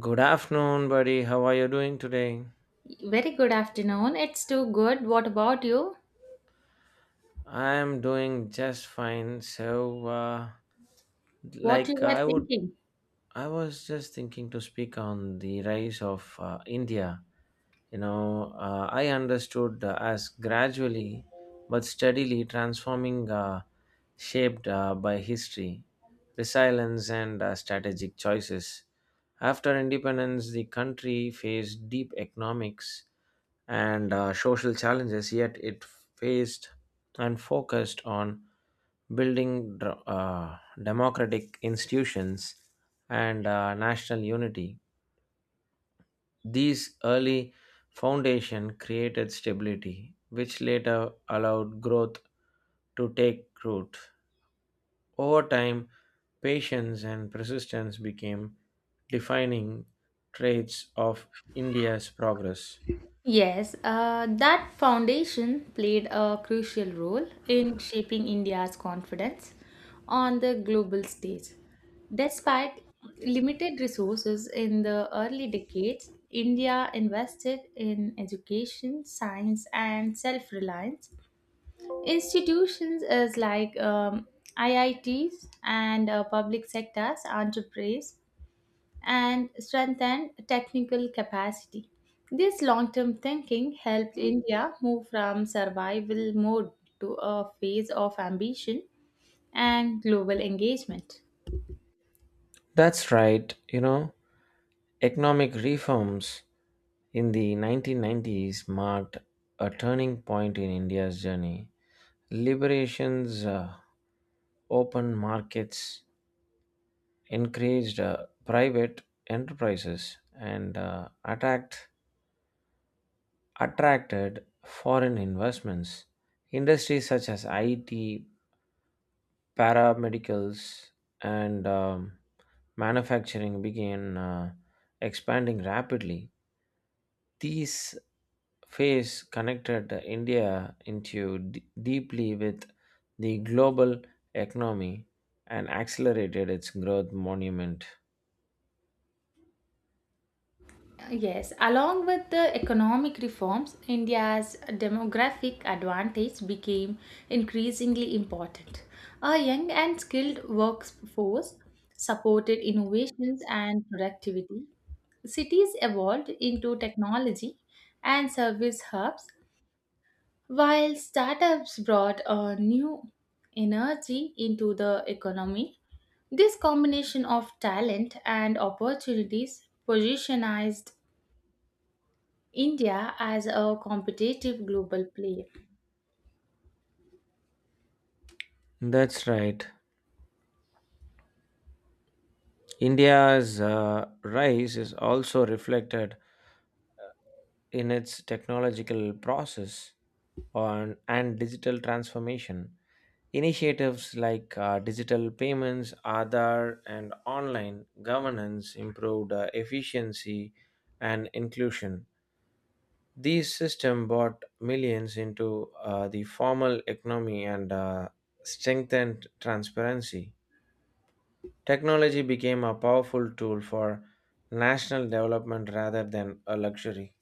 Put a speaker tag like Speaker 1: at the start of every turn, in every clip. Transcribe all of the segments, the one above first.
Speaker 1: Good afternoon, buddy. How are you doing today?
Speaker 2: Very good afternoon. It's too good. What about you?
Speaker 1: I am doing just fine.
Speaker 2: What you
Speaker 1: Like uh,
Speaker 2: were
Speaker 1: I would,
Speaker 2: thinking?
Speaker 1: I was just thinking to speak on the rise of India. I understood as gradually but steadily transforming, shaped by history, resilience, and strategic choices. After independence, the country faced deep economics and social challenges, yet it faced and focused on building democratic institutions and national unity. These early foundation created stability, which later allowed growth to take root. Over time, patience and persistence became defining traits of India's progress.
Speaker 2: Yes, that foundation played a crucial role in shaping India's confidence on the global stage. Despite limited resources in the early decades, India invested in education, science, and self reliance. Institutions is like IITs and public sectors entrepreneurs and strengthen technical capacity. This long term thinking helped India move from survival mode to a phase of ambition and global engagement.
Speaker 1: That's right, you know. Economic reforms in the 1990s marked a turning point in India's journey. Liberations, open markets encouraged private enterprises and attracted foreign investments. Industries such as IT, paramedicals, and manufacturing began expanding rapidly. These phase connected India into deeply with the global economy and accelerated its growth monument.
Speaker 2: Yes, along with the economic reforms, India's demographic advantage became increasingly important. A young and skilled workforce supported innovations and productivity. Cities evolved into technology and service hubs, while startups brought a new energy into the economy. This combination of talent and opportunities positionized India as a competitive global player.
Speaker 1: That's right. India's rise is also reflected in its technological process on, and digital transformation. Initiatives like digital payments, Aadhaar, and online governance improved efficiency and inclusion. These systems brought millions into the formal economy and strengthened transparency. Technology became a powerful tool for national development rather than a luxury.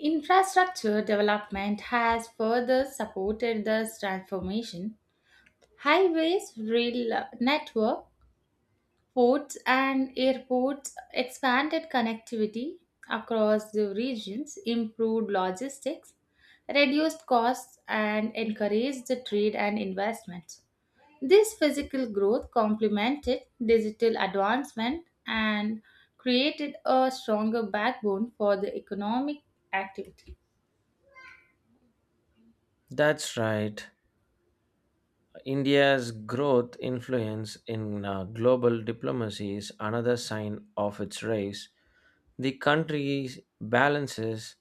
Speaker 2: Infrastructure development has further supported this transformation. Highways, rail network, ports and airports expanded connectivity across the regions, improved logistics, reduced costs, and encouraged the trade and investment. This physical growth complemented digital advancement and created a stronger backbone for the economic activity.
Speaker 1: That's right. India's growth influence in global diplomacy is another sign of its rise. The country balances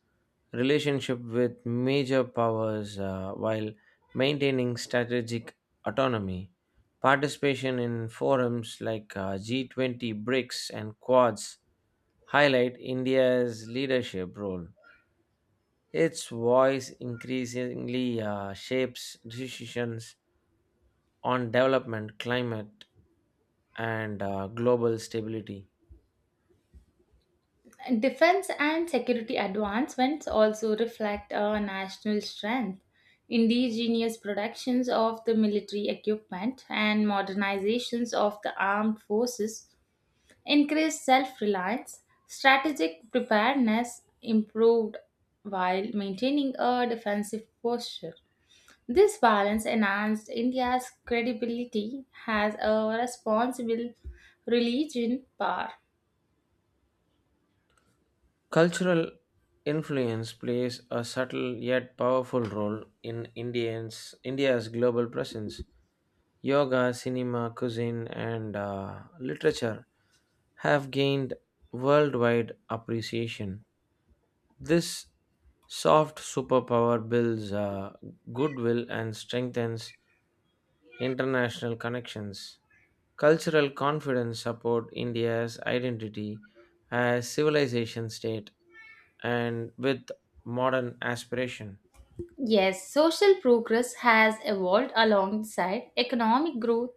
Speaker 1: relationship with major powers while maintaining strategic autonomy. Participation in forums like G20, BRICS, and Quads highlight India's leadership role. Its voice increasingly shapes decisions on development, climate, and global stability.
Speaker 2: Defense and security advancements also reflect our national strength. Indigenous productions of the military equipment and modernizations of the armed forces increased self reliance, strategic preparedness improved while maintaining a defensive posture. This balance enhanced India's credibility as a responsible religion power.
Speaker 1: Cultural influence plays a subtle yet powerful role in India's global presence. Yoga, cinema, cuisine, and literature have gained worldwide appreciation. This soft superpower builds goodwill and strengthens international connections. Cultural confidence support India's identity as civilization state and with modern aspiration.
Speaker 2: Yes, social progress has evolved alongside economic growth,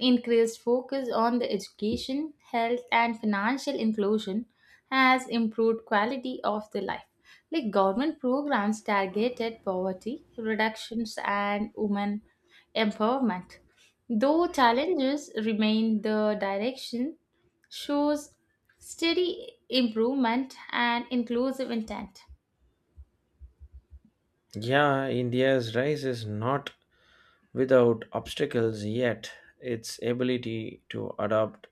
Speaker 2: increased focus on the education, health, and financial inclusion has improved quality of the life. Like government programs targeted poverty reductions and women empowerment. Though challenges remain, the direction shows steady improvement and inclusive intent.
Speaker 1: Yeah, India's rise is not without obstacles yet. Its ability to adopt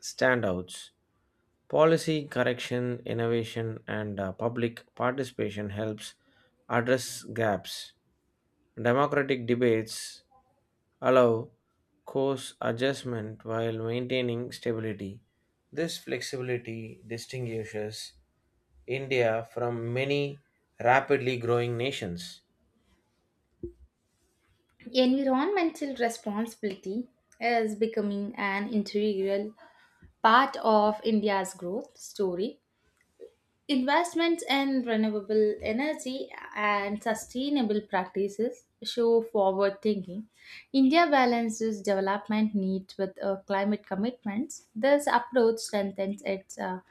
Speaker 1: standouts. Policy correction, innovation, and public participation helps address gaps. Democratic debates allow course adjustment while maintaining stability. This flexibility distinguishes India from many rapidly growing nations.
Speaker 2: Environmental responsibility is becoming an integral part of India's growth story. Investments in renewable energy and sustainable practices show forward thinking. India balances development needs with climate commitments. This approach strengthens its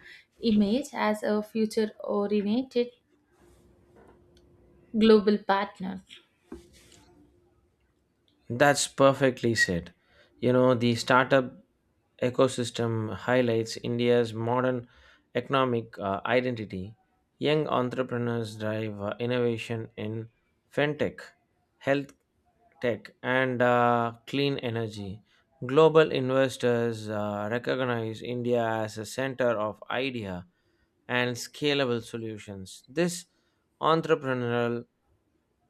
Speaker 2: image as a future oriented global partner.
Speaker 1: That's perfectly said. You know, the startup ecosystem highlights India's modern economic identity. Young entrepreneurs drive innovation in fintech, health tech, and clean energy. Global investors recognize India as a center of idea and scalable solutions. This entrepreneurial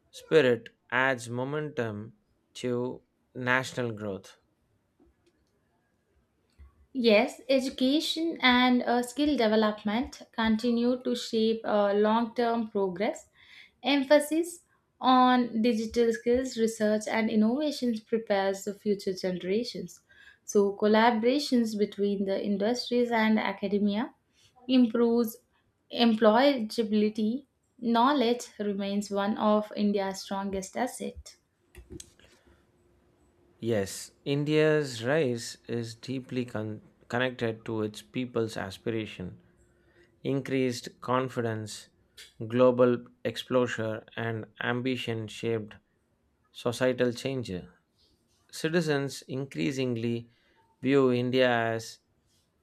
Speaker 1: spirit adds momentum to national growth.
Speaker 2: Yes, education and skill development continue to shape long term progress. Emphasis on digital skills, research, and innovations prepares the future generations. So, collaborations between the industries and academia improves employability. Knowledge remains one of India's strongest assets.
Speaker 1: Yes, India's rise is deeply connected to its people's aspiration, increased confidence, global exposure, and ambition shaped societal change. Citizens increasingly view India as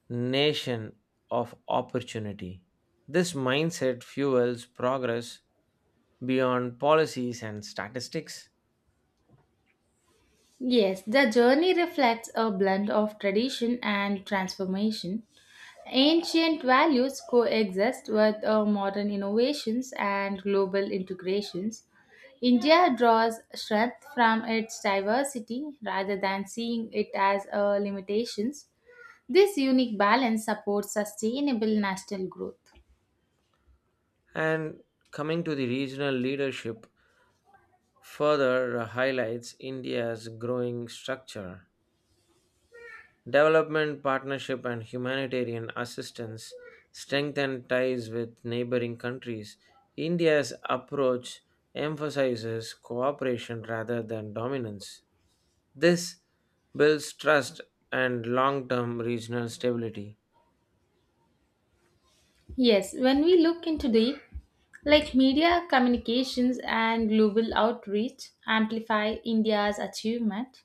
Speaker 1: nation of opportunity. This mindset fuels progress beyond policies and statistics.
Speaker 2: Yes, the journey reflects a blend of tradition and transformation. Ancient values coexist with modern innovations and global integrations. India draws strength from its diversity rather than seeing it as a limitations. This unique balance supports sustainable national growth.
Speaker 1: And coming to the regional leadership, further highlights India's growing structure. Development partnership and humanitarian assistance strengthen ties with neighboring countries. India's approach emphasizes cooperation rather than dominance. This builds trust and long term regional stability.
Speaker 2: Yes, when we look into the like media communications and global outreach amplify India's achievement.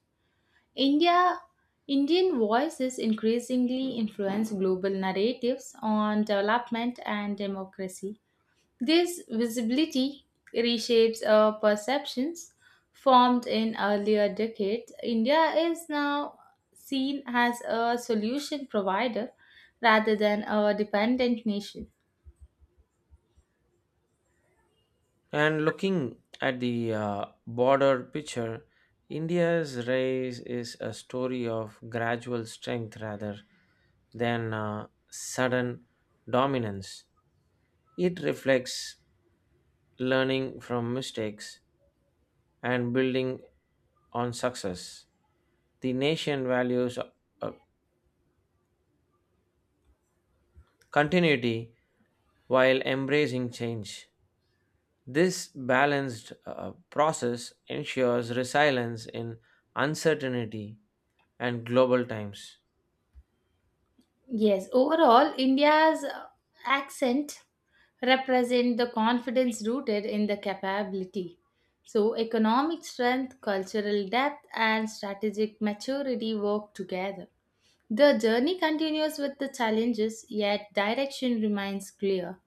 Speaker 2: India Indian voices increasingly influence global narratives on development and democracy. This visibility reshapes our perceptions formed in earlier decades. India is now seen as a solution provider rather than a dependent nation.
Speaker 1: And looking at the broader picture, India's rise is a story of gradual strength rather than sudden dominance. It reflects learning from mistakes and building on success. The nation values uh, continuity while embracing change. This balanced process ensures resilience in uncertainty and global times.
Speaker 2: Yes, overall, India's accent represent the confidence rooted in the capability. So, economic strength, cultural depth, and strategic maturity work together. The journey continues with the challenges, yet direction remains clear.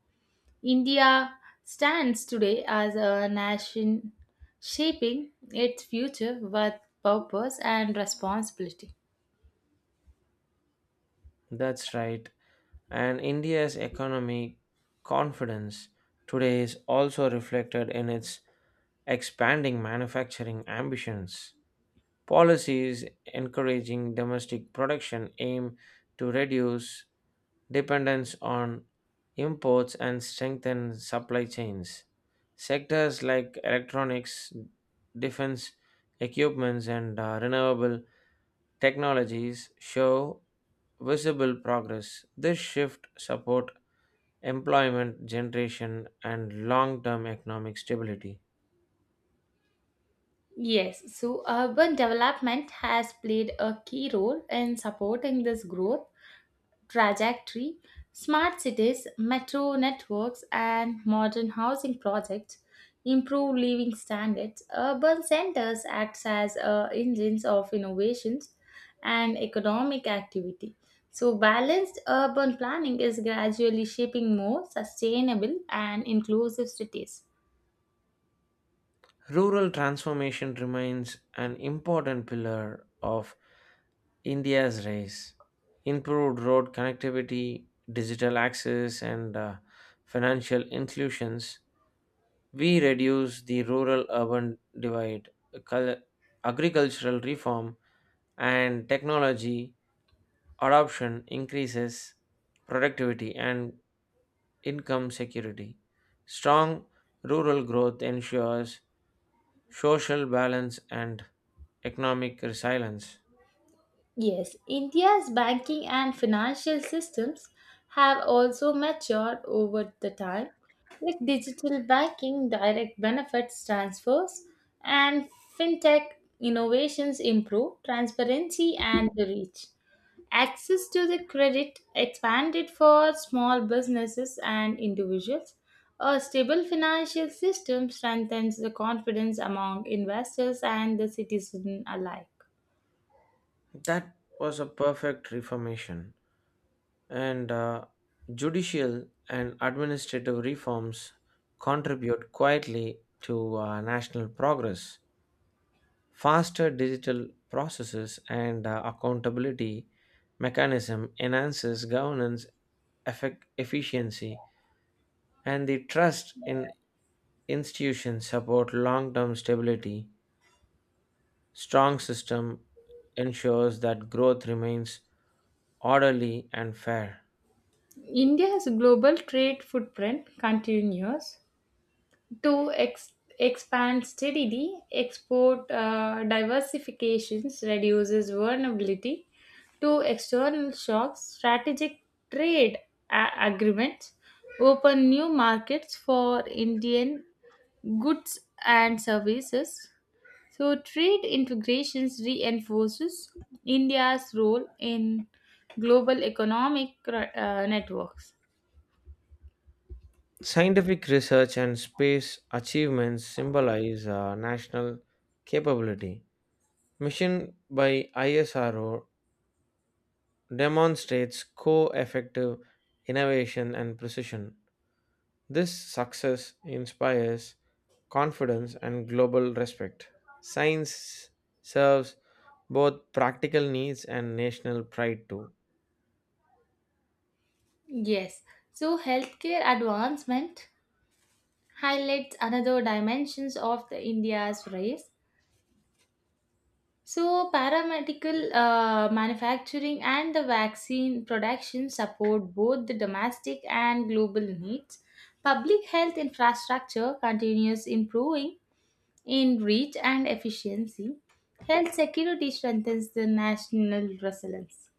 Speaker 2: India stands today as a nation shaping its future with purpose and responsibility.
Speaker 1: That's right. And India's economic confidence today is also reflected in its expanding manufacturing ambitions. Policies encouraging domestic production aim to reduce dependence on imports and strengthen supply chains. Sectors like electronics, defense equipments, and renewable technologies show visible progress. This shift support employment generation and long-term economic stability.
Speaker 2: Yes, so urban development has played a key role in supporting this growth trajectory. Smart cities, metro networks, and modern housing projects improve living standards. Urban centers act as engines of innovations and economic activity. So, balanced urban planning is gradually shaping more sustainable and inclusive cities.
Speaker 1: Rural transformation remains an important pillar of India's rise, improved road connectivity, digital access, and financial inclusions, we reduce the rural urban divide. Cul- Agricultural reform, and technology adoption increases productivity and income security. Strong rural growth ensures social balance and economic resilience.
Speaker 2: Yes, India's banking and financial systems have also matured over the time, like digital banking, direct benefits transfers, and fintech innovations improve transparency and the reach. Access to the credit expanded for small businesses and individuals. A stable financial system strengthens the confidence among investors and the citizen alike.
Speaker 1: That was a perfect reformation. And Judicial and administrative reforms contribute quietly to national progress. Faster digital processes and accountability mechanism enhances governance efficiency and the trust in institutions support long-term stability. Strong system ensures that growth remains orderly and fair.
Speaker 2: India's global trade footprint continues to expand steadily. Export diversification reduces vulnerability to external shocks. Strategic trade agreements open new markets for Indian goods and services. So, trade integrations reinforces India's role in global economic networks.
Speaker 1: Scientific research and space achievements symbolize national capability. Mission by ISRO demonstrates co effective innovation and precision. This success inspires confidence and global respect. Science serves both practical needs and national pride too.
Speaker 2: Yes, so healthcare advancement highlights another dimensions of the India's race. So paramedical manufacturing and the vaccine production support both the domestic and global needs. Public health infrastructure continues improving in reach and efficiency. Health security strengthens the national resilience.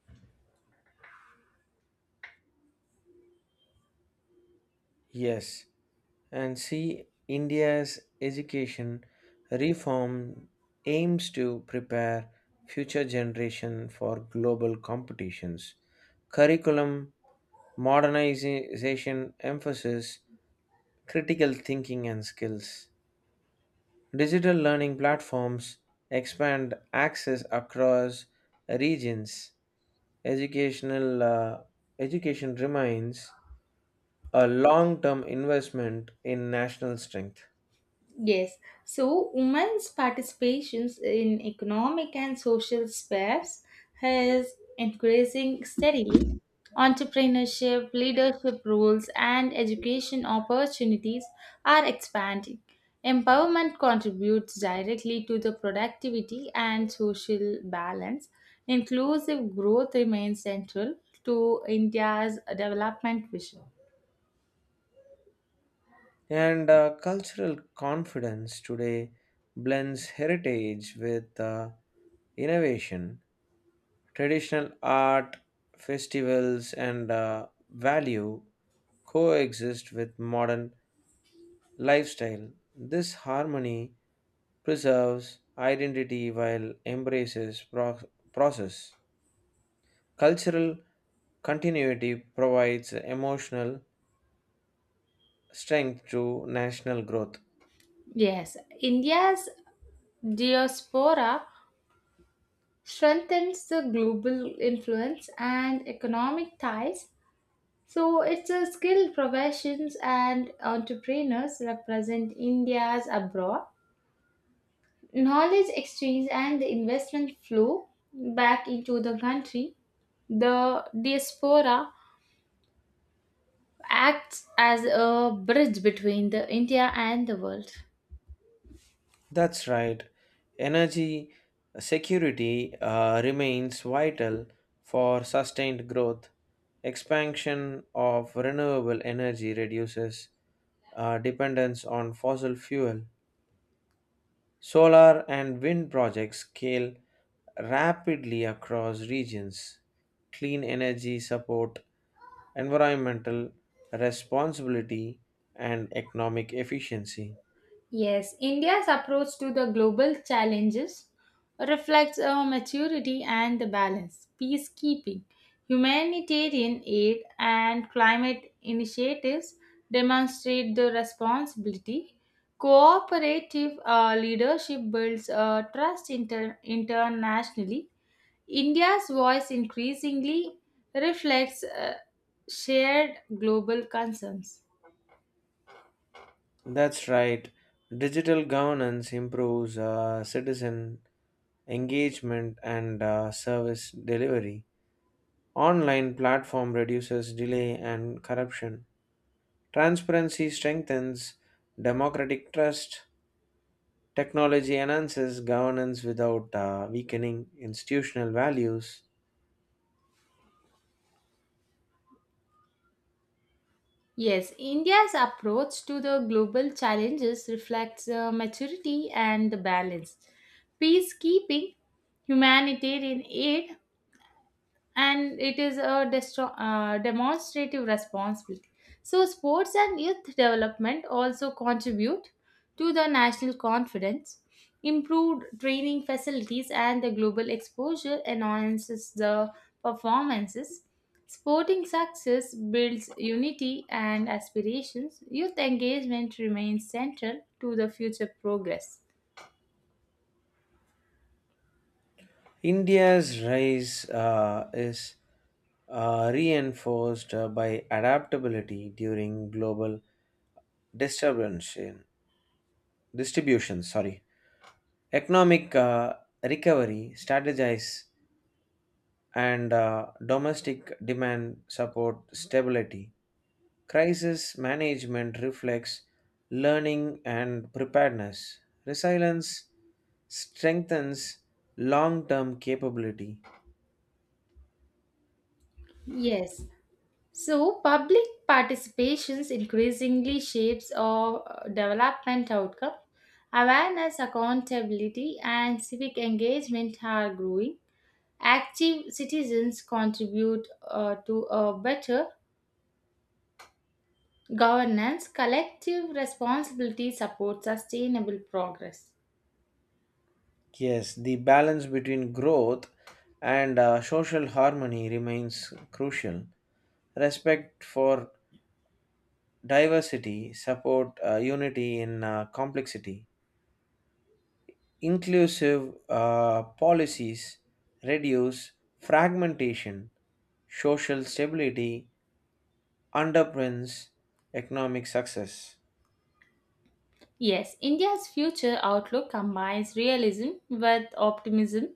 Speaker 1: Yes. and See India's education reform aims to prepare future generation for global competitions. Curriculum modernization emphasis critical thinking and skills. Digital learning platforms expand access across regions. Educational uh, Education remains a long-term investment in national strength.
Speaker 2: Yes, so women's participations in economic and social spheres has increasing steadily. Entrepreneurship, leadership roles, and education opportunities are expanding. Empowerment contributes directly to the productivity and social balance. Inclusive growth remains central to India's development vision.
Speaker 1: And cultural confidence today blends heritage with innovation. Traditional art, festivals, and value coexist with modern lifestyle. This harmony preserves identity while embraces process. Cultural continuity provides emotional strength to national growth.
Speaker 2: Yes, India's diaspora strengthens the global influence and economic ties. So it's a skilled professions and entrepreneurs represent India's abroad. Knowledge exchange and the investment flow back into the country. The diaspora acts as a bridge between the India and the world.
Speaker 1: That's right. Energy security remains vital for sustained growth. Expansion of renewable energy reduces dependence on fossil fuel. Solar and wind projects scale rapidly across regions. Clean energy support, environmental responsibility, and economic efficiency.
Speaker 2: Yes, India's approach to the global challenges reflects our maturity and the balance, peacekeeping, humanitarian aid, and climate initiatives demonstrate the responsibility. Cooperative leadership builds trust internationally. India's voice increasingly reflects shared global concerns.
Speaker 1: That's right. Digital governance improves citizen engagement and service delivery. Online platform reduces delay and corruption. Transparency strengthens democratic trust. Technology enhances governance without weakening institutional values.
Speaker 2: Yes, India's approach to the global challenges reflects maturity and the balance. Peacekeeping, humanitarian aid, and it is a demonstrative responsibility. So, sports and youth development also contribute to the national confidence. Improved training facilities and the global exposure enhances the performances. Sporting success builds unity and aspirations. Youth engagement remains central to the future progress.
Speaker 1: India's rise is reinforced by adaptability during global disturbance. distribution, sorry, Economic recovery strategize and domestic demand support stability. Crisis management reflects learning and preparedness. Resilience strengthens long term capability.
Speaker 2: Yes. So, public participations increasingly shapes our development outcome. Awareness, accountability, and civic engagement are growing. Active citizens contribute to a better governance. Collective responsibility supports sustainable progress.
Speaker 1: Yes, the balance between growth and social harmony remains crucial. Respect for diversity support unity in complexity. Inclusive policies reduce fragmentation, social stability underpins economic success.
Speaker 2: Yes, India's future outlook combines realism with optimism.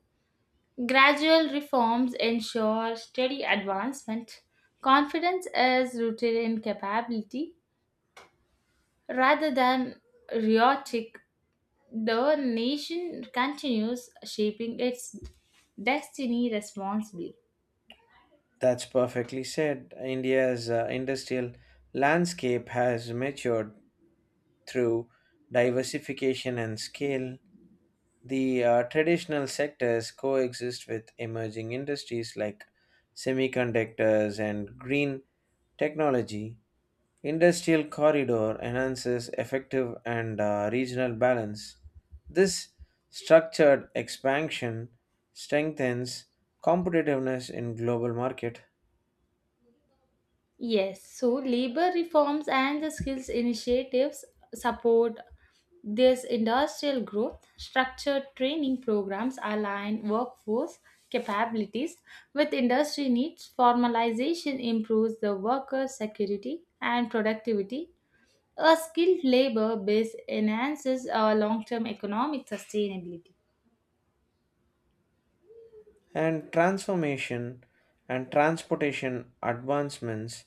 Speaker 2: Gradual reforms ensure steady advancement. Confidence is rooted in capability rather than rhetoric. The nation continues shaping its destiny responsibly.
Speaker 1: That's perfectly said. India's industrial landscape has matured through diversification and scale. The traditional sectors coexist with emerging industries like semiconductors and green technology. Industrial corridor enhances effective and regional balance. This structured expansion strengthens competitiveness in global market.
Speaker 2: Yes, so labor reforms and the skills initiatives support this industrial growth. Structured training programs align workforce capabilities with industry needs. Formalization improves the worker security and productivity. A skilled labor base enhances our long term economic sustainability.
Speaker 1: And transformation and transportation advancements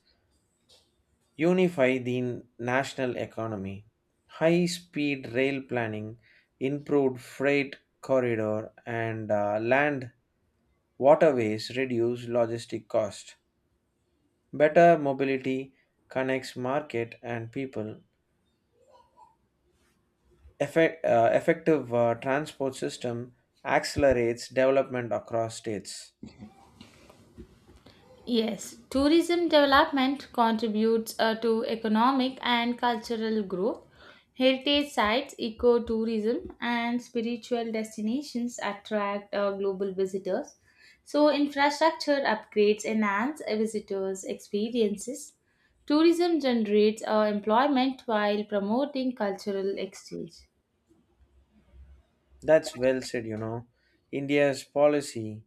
Speaker 1: unify the national economy. High speed rail planning, improved freight corridor and land waterways reduce logistic cost. Better mobility connects market and people. Effective transport system accelerates development across states.
Speaker 2: Yes, tourism development contributes to economic and cultural growth. Heritage sites, ecotourism, and spiritual destinations attract global visitors. So, infrastructure upgrades enhance a visitors' experiences. Tourism generates employment while promoting cultural exchange.
Speaker 1: That's well said, you know. India's policy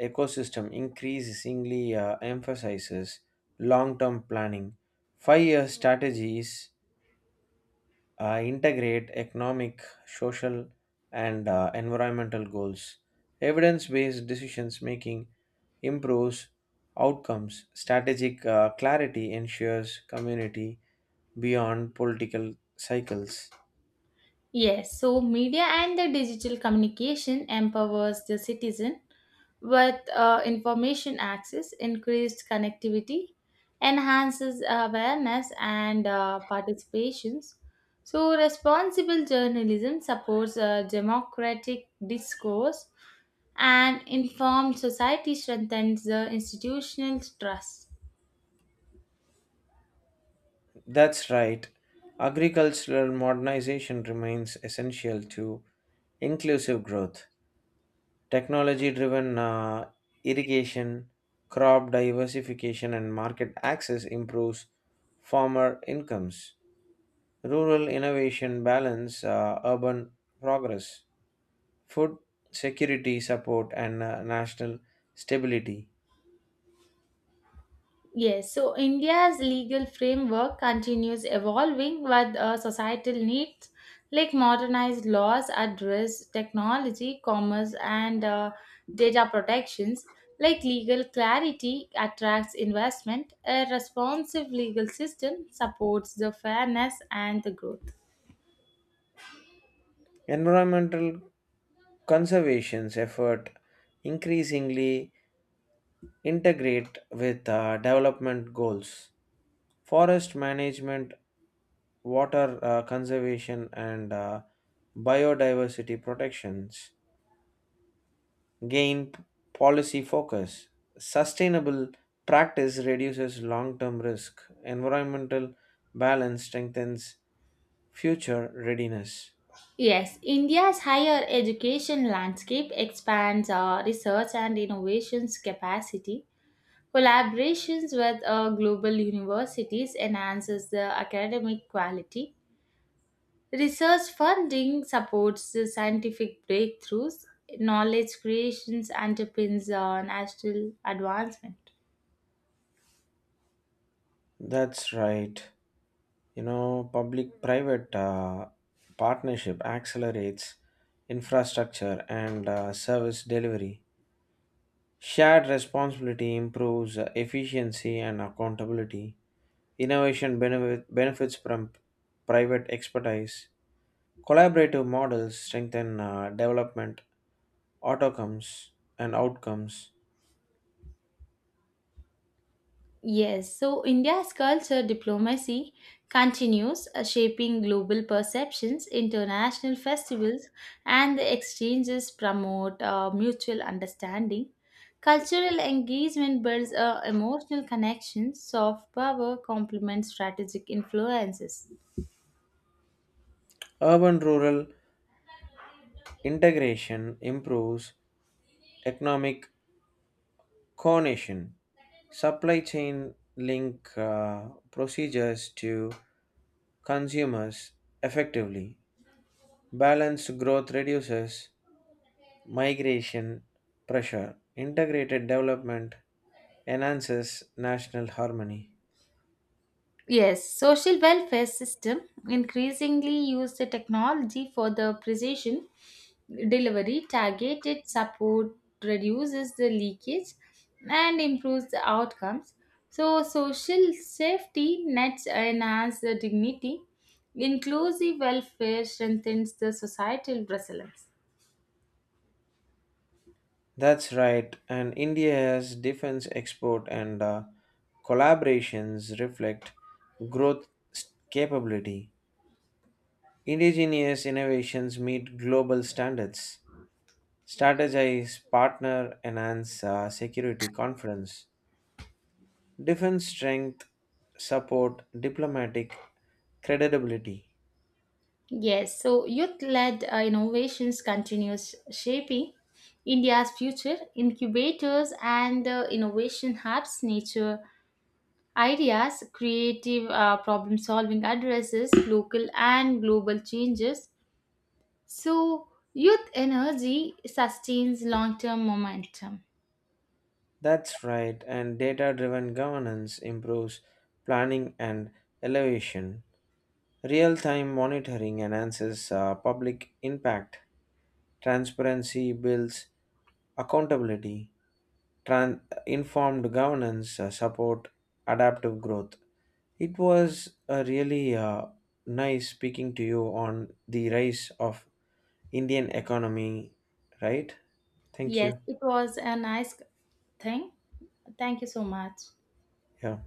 Speaker 1: ecosystem increasingly emphasizes long-term planning. Five-year strategies integrate economic, social, and environmental goals. Evidence based decisions making improves outcomes. Strategic clarity ensures community beyond political cycles.
Speaker 2: Yes, so media and the digital communication empowers the citizen with information access, increased connectivity, enhances awareness and participations. So responsible journalism supports democratic discourse and informed society strengthens the institutional trust.
Speaker 1: That's right. Agricultural modernization remains essential to inclusive growth. Technology driven irrigation, crop diversification, and market access improves farmer incomes. Rural innovation balance urban progress. Food security support and national stability.
Speaker 2: Yes, so India's legal framework continues evolving with societal needs like modernized laws address technology, commerce, and data protections. Like legal clarity attracts investment, a responsive legal system supports the fairness and the growth.
Speaker 1: Environmental conservation's effort increasingly integrate with development goals. Forest management water conservation and biodiversity protections gain policy focus. Sustainable practice reduces long term risk, environmental balance strengthens future readiness.
Speaker 2: Yes, India's higher education landscape expands our research and innovations capacity. Collaborations with global universities enhances the academic quality. Research funding supports the scientific breakthroughs. Knowledge creations underpins national advancement.
Speaker 1: That's right. You know, public private partnership accelerates infrastructure and service delivery. Shared responsibility improves efficiency and accountability. Benefits from private expertise. Collaborative models strengthen development, outcomes, outcomes.
Speaker 2: Yes, so India's culture diplomacy continues shaping global perceptions, international festivals, and the exchanges promote mutual understanding. Cultural engagement builds emotional connections, soft power complements strategic influences.
Speaker 1: Urban rural integration improves economic coordination. Supply chain link procedures to consumers effectively. Balanced growth reduces migration pressure, integrated development enhances national harmony.
Speaker 2: Yes, social welfare system increasingly use the technology for the precision delivery, targeted support reduces the leakage and improves the outcomes. So social safety nets enhance the dignity. Inclusive welfare strengthens the societal resilience.
Speaker 1: That's right, and India's defense export and collaborations reflect growth capability. Indigenous innovations meet global standards. Strategize, partner, enhance security conference. Defense strength support diplomatic credibility.
Speaker 2: Yes, so youth-led innovations continues shaping India's future. Incubators and innovation hubs nature ideas, creative problem-solving addresses local and global changes. So youth energy sustains long-term momentum.
Speaker 1: That's right, and data driven governance improves planning and elevation. Real time monitoring enhances public impact. Transparency builds accountability. Informed governance support adaptive growth. It was really nice speaking to you on the rise of Indian economy, right? Thank
Speaker 2: Yes,
Speaker 1: you.
Speaker 2: it was a nice thing. Thank you so much.
Speaker 1: Yeah.